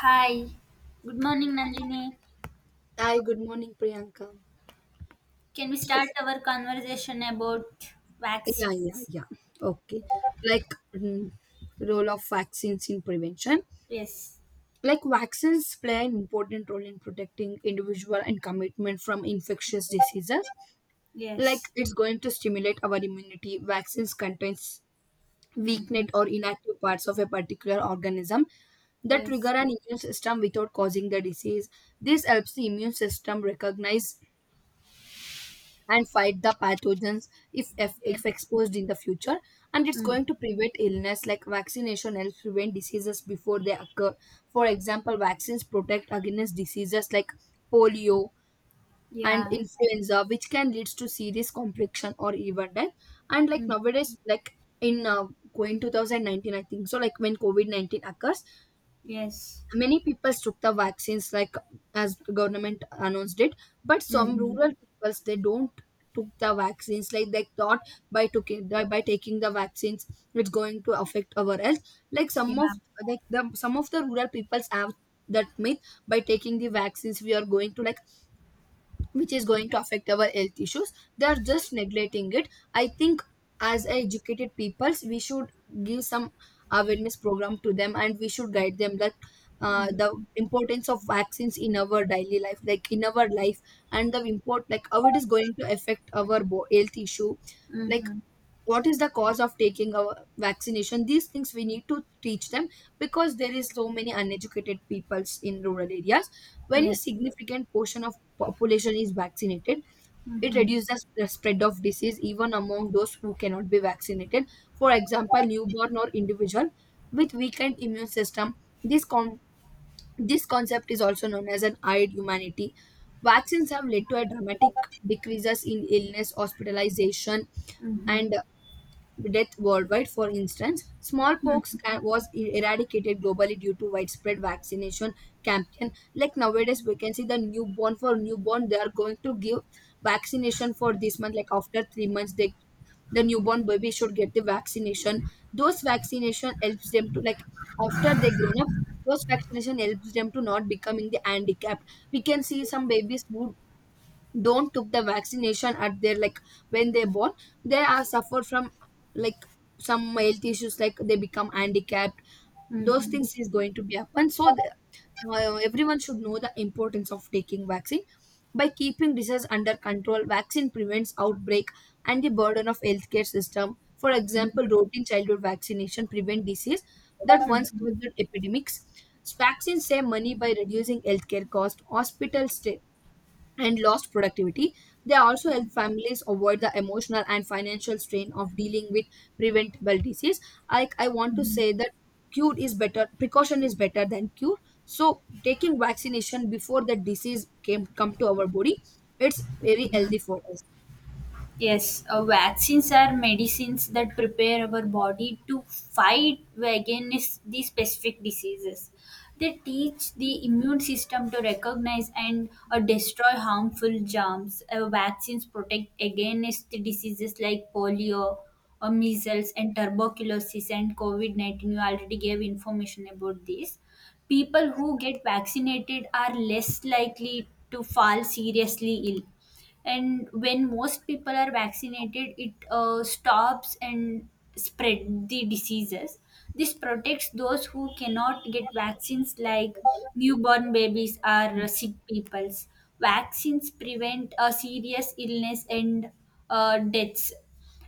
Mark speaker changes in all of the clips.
Speaker 1: Hi, good morning, Nandini.
Speaker 2: Hi, good morning, Priyanka.
Speaker 1: Can we
Speaker 2: Oh,
Speaker 1: start our conversation about
Speaker 2: yeah, yeah,
Speaker 1: vaccines?
Speaker 2: yeah. Okay. Like, mm, role of vaccines in prevention.
Speaker 1: Yes,
Speaker 2: Like, vaccines play an important role in protecting individual and commitment from infectious diseases. Like,
Speaker 1: yes,
Speaker 2: it's going to stimulate our immunity. Vaccines contains
Speaker 1: mm-hmm.
Speaker 2: weakened or inactive parts of a particular organism that trigger
Speaker 1: Yes,
Speaker 2: an immune system without causing the disease. This helps the immune system recognize and fight the pathogens if
Speaker 1: yes,
Speaker 2: exposed in the future, and it's
Speaker 1: mm.
Speaker 2: going to prevent illness. Like, vaccination helps prevent diseases before they occur. For example, vaccines protect against diseases like polio and
Speaker 1: Yeah,
Speaker 2: influenza, which can lead to serious complication or even death. And like
Speaker 1: mm.
Speaker 2: nowadays, like in going 2019, I think so, like when COVID-19 occurs,
Speaker 1: Yes,
Speaker 2: many people took the vaccines, like as government announced it. But some
Speaker 1: mm-hmm.
Speaker 2: rural peoples, they don't took the vaccines, like they thought by taking by taking the vaccines it's going to affect our health, like some of,
Speaker 1: Yeah,
Speaker 2: like the some of the rural peoples have that myth. By taking the vaccines we are going to, like, which is going to affect our health issues. They are just neglecting it. I think as educated peoples we should give some awareness program to them, and we should guide them that
Speaker 1: mm.
Speaker 2: the importance of vaccines in our daily life, like in our life, and the import, like how it is going to affect our health issue, like
Speaker 1: Mm-hmm.
Speaker 2: what is the cause of taking a vaccination. These things we need to teach them, because there is so many uneducated peoples in rural areas. When a
Speaker 1: Yes,
Speaker 2: significant portion of population is vaccinated, it
Speaker 1: mm-hmm.
Speaker 2: reduces the spread of disease even among those who cannot be vaccinated, for example newborn or individual with weakened immune system. This this concept is also known as an eyed humanity. Vaccines have led to a dramatic decreases in illness, hospitalization,
Speaker 1: Mm-hmm.
Speaker 2: and death worldwide. For instance, smallpox
Speaker 1: Mm-hmm.
Speaker 2: was eradicated globally due to widespread vaccination campaign. Like nowadays, we can see the newborn, for newborn, they are going to give vaccination for this month. Like after 3 months, the newborn baby should get the vaccination. Those vaccination helps them to, like, after they grown up. Those vaccination helps them to not becoming the handicapped. We can see some babies who don't took the vaccination at their, like, when they're born, they are suffer from, like, some health issues, like they become handicapped. Those things is going to be happen. So everyone should know the importance of taking vaccine. By keeping disease under control, vaccine prevents outbreak and the burden of healthcare system. For example, routine childhood vaccination prevent disease that once
Speaker 1: Mm-hmm.
Speaker 2: caused epidemics. Vaccines save money by reducing healthcare cost, hospital stay, and lost productivity. They also help families avoid the emotional and financial strain of dealing with preventable disease. Like, I want to
Speaker 1: Mm-hmm.
Speaker 2: say that cure is better, precaution is better than cure. So taking vaccination before the disease came come to our body, it's very healthy for us.
Speaker 1: Yes, vaccines are medicines that prepare our body to fight against these specific diseases. They teach the immune system to recognize and destroy harmful germs. Vaccines protect against the diseases like polio, measles, and tuberculosis and COVID -19. You already gave information about this. People who get vaccinated are less likely to fall seriously ill, and when most people are vaccinated, it stops and spread the diseases. This protects those who cannot get vaccines like newborn babies or sick peoples. Vaccines prevent a serious illness and deaths.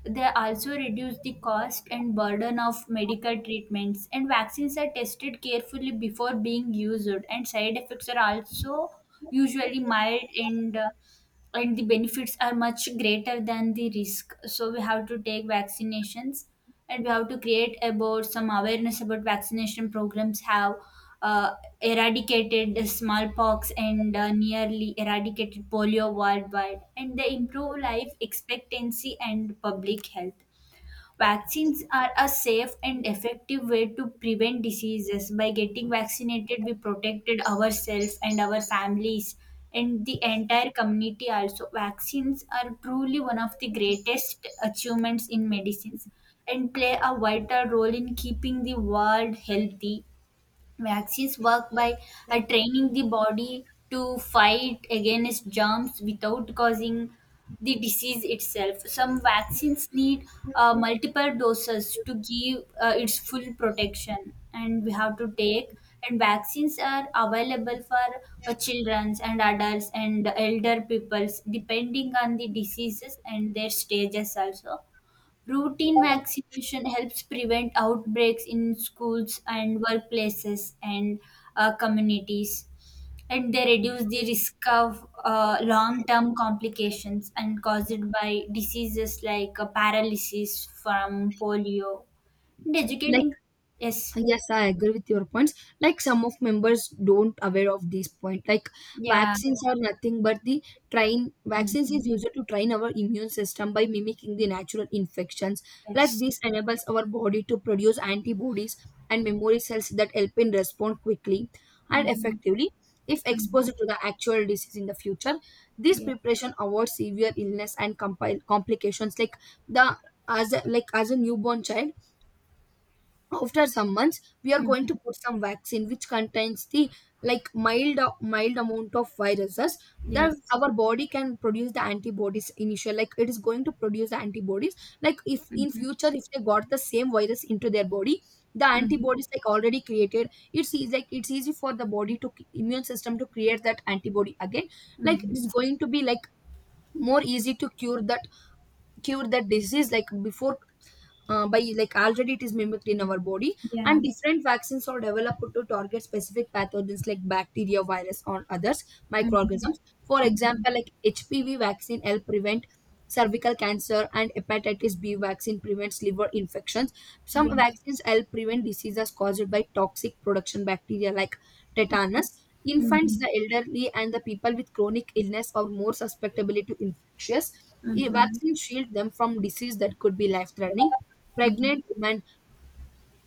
Speaker 1: They also reduce the cost and burden of medical treatments, and vaccines are tested carefully before being used, and side effects are also usually mild and the benefits are much greater than the risk, so we have to take vaccinations, and we have to create about some awareness about vaccination programs have uh, eradicated the smallpox and nearly eradicated polio worldwide, and they improve life expectancy and public health. Vaccines are a safe and effective way to prevent diseases. By getting vaccinated, we protected ourselves and our families and the entire community also. Vaccines are truly one of the greatest achievements in medicines and play a vital role in keeping the world healthy. Vaccines work by training the body to fight against germs without causing the disease itself. Some vaccines need multiple doses to give its full protection, and we have to take. And vaccines are available for childrens and adults and elder peoples, depending on the diseases and their stages also. Routine vaccination helps prevent outbreaks in schools and workplaces and communities, and they reduce the risk of long term complications and caused by diseases like paralysis from polio. And
Speaker 2: Like,
Speaker 1: educating, yes,
Speaker 2: Yes, I agree with your points. Like, some of members don't aware of this point. Like,
Speaker 1: yeah,
Speaker 2: vaccines are nothing but the train. Vaccines
Speaker 1: hmm.
Speaker 2: is used to train our immune system by mimicking the natural infections. Like,
Speaker 1: Yes,
Speaker 2: this enables our body to produce antibodies and memory cells that help in respond quickly and
Speaker 1: hmm.
Speaker 2: effectively if
Speaker 1: Hmm.
Speaker 2: exposed to the actual disease in the future. This
Speaker 1: Yes,
Speaker 2: preparation avoids severe illness and complications, like the, as a, like as a newborn child, after some months we are going to
Speaker 1: hmm.
Speaker 2: put some vaccine which contains the, like, mild amount of viruses, that
Speaker 1: Yes,
Speaker 2: our body can produce the antibodies initial, like it is going to produce the antibodies. Like if in
Speaker 1: hmm.
Speaker 2: future, if they got the same virus into their body, the
Speaker 1: Hmm.
Speaker 2: antibodies, like, already created, it's easy, like it's easy for the body to immune system to create that antibody again, like
Speaker 1: Hmm.
Speaker 2: it's going to be, like, more easy to cure that disease like before, by, like, already it is mimicked in our body.
Speaker 1: Yeah.
Speaker 2: And different vaccines are developed to target specific pathogens like bacteria, virus, or others
Speaker 1: Hmm.
Speaker 2: microorganisms. For
Speaker 1: Mhm.
Speaker 2: example, like, hpv vaccine help prevent cervical cancer, and hepatitis b vaccine prevents liver infections. Some
Speaker 1: Yes.
Speaker 2: vaccines help prevent diseases caused by toxic production bacteria like tetanus. Infants,
Speaker 1: Mhm.
Speaker 2: the elderly, and the people with chronic illness are more susceptible to infectious.
Speaker 1: Mhm.
Speaker 2: Vaccines shield them from disease that could be life threatening.
Speaker 1: Mhm.
Speaker 2: Pregnant women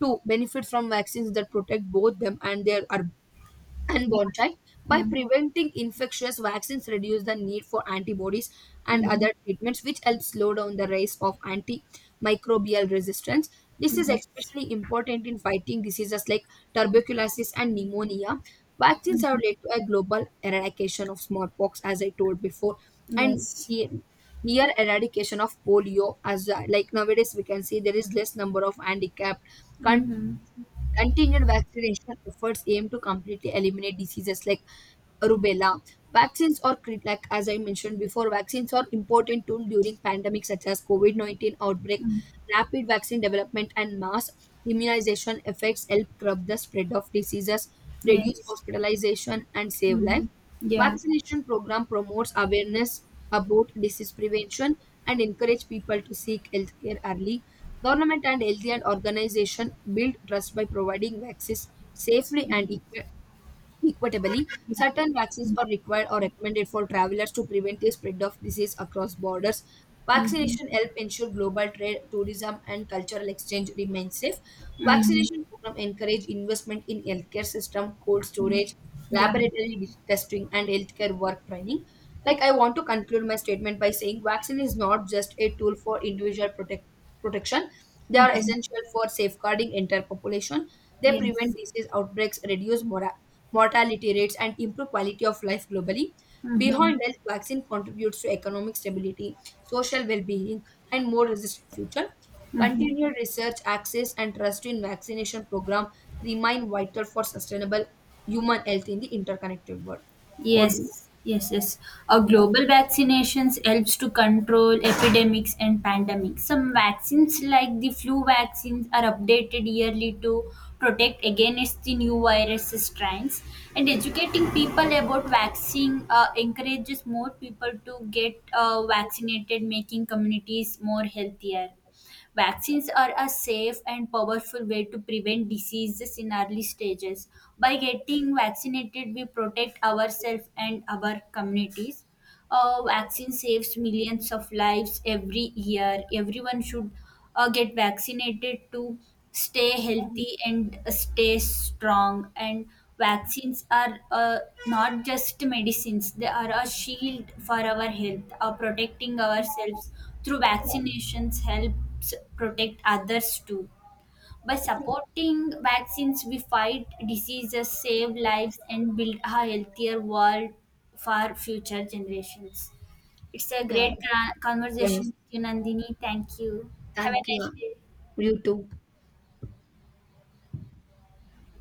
Speaker 2: too benefit from vaccines that protect both them and their
Speaker 1: Yeah.
Speaker 2: unborn child. By preventing infectious, vaccines reduce the need for antibodies and
Speaker 1: Mhm.
Speaker 2: other treatments, which helps slow down the rise of antimicrobial resistance. This is
Speaker 1: Yes.
Speaker 2: especially important in fighting diseases like tuberculosis and pneumonia. Vaccines have led to a global eradication of smallpox, as I told before, and
Speaker 1: Yes.
Speaker 2: the near eradication of polio. As like nowadays, we can see there is less number of handicapped countries.
Speaker 1: Mhm.
Speaker 2: Continued vaccination efforts aim to completely eliminate diseases like rubella. Vaccines like, as I mentioned before, vaccines are important tool during pandemic such as COVID 19 outbreak.
Speaker 1: Mm.
Speaker 2: Rapid vaccine development and mass immunization effects help curb the spread of diseases, reduce
Speaker 1: Yes.
Speaker 2: hospitalization, and save lives.
Speaker 1: Mhm. Yeah.
Speaker 2: Vaccination program promotes awareness about disease prevention and encourage people to seek healthcare early. Government and healthy and organization build trust by providing vaccines safely and equitably. Certain vaccines are required or recommended for travelers to prevent the spread of disease across borders.
Speaker 1: Mhm.
Speaker 2: Vaccination help ensure global trade, tourism, and cultural exchange remain safe.
Speaker 1: Mhm.
Speaker 2: Vaccination program encourage investment in healthcare system, cold
Speaker 1: Mm.
Speaker 2: storage,
Speaker 1: Yeah.
Speaker 2: laboratory testing, and healthcare work training. Like, I want to conclude my statement by saying, vaccine is not just a tool for individual protection. They are
Speaker 1: Mhm.
Speaker 2: essential for safeguarding entire population. They prevent
Speaker 1: Yes.
Speaker 2: disease outbreaks, reduce mortality rates, and improve quality of life globally.
Speaker 1: Mhm.
Speaker 2: Beyond health, vaccine contributes to economic stability, social well-being, and more resistant future.
Speaker 1: Mhm.
Speaker 2: Continued research, access, and trust in vaccination program remain vital for sustainable human health in the interconnected world. What do you
Speaker 1: Yes, yes, yes. A global vaccinations helps to control epidemics and pandemics. Some vaccines, like the flu vaccines, are updated yearly to protect against the new virus strains. And educating people about vaccine encourages more people to get vaccinated, making communities more healthier. Vaccines are a safe and powerful way to prevent diseases in early stages. By getting vaccinated, we protect ourselves and our communities. A vaccine saves millions of lives every year. Everyone should get vaccinated to stay
Speaker 2: say?
Speaker 1: healthy and stay strong. And vaccines are not just medicines, they are a shield for our health. Protecting ourselves through vaccinations helps protect others too. By supporting vaccines, we fight diseases, save lives, and build a healthier world for future generations. It's a
Speaker 2: Yeah.
Speaker 1: great conversation with you, Nandini. Thank you. Have a
Speaker 2: Thank
Speaker 1: nice
Speaker 2: you.
Speaker 1: day.
Speaker 2: You too.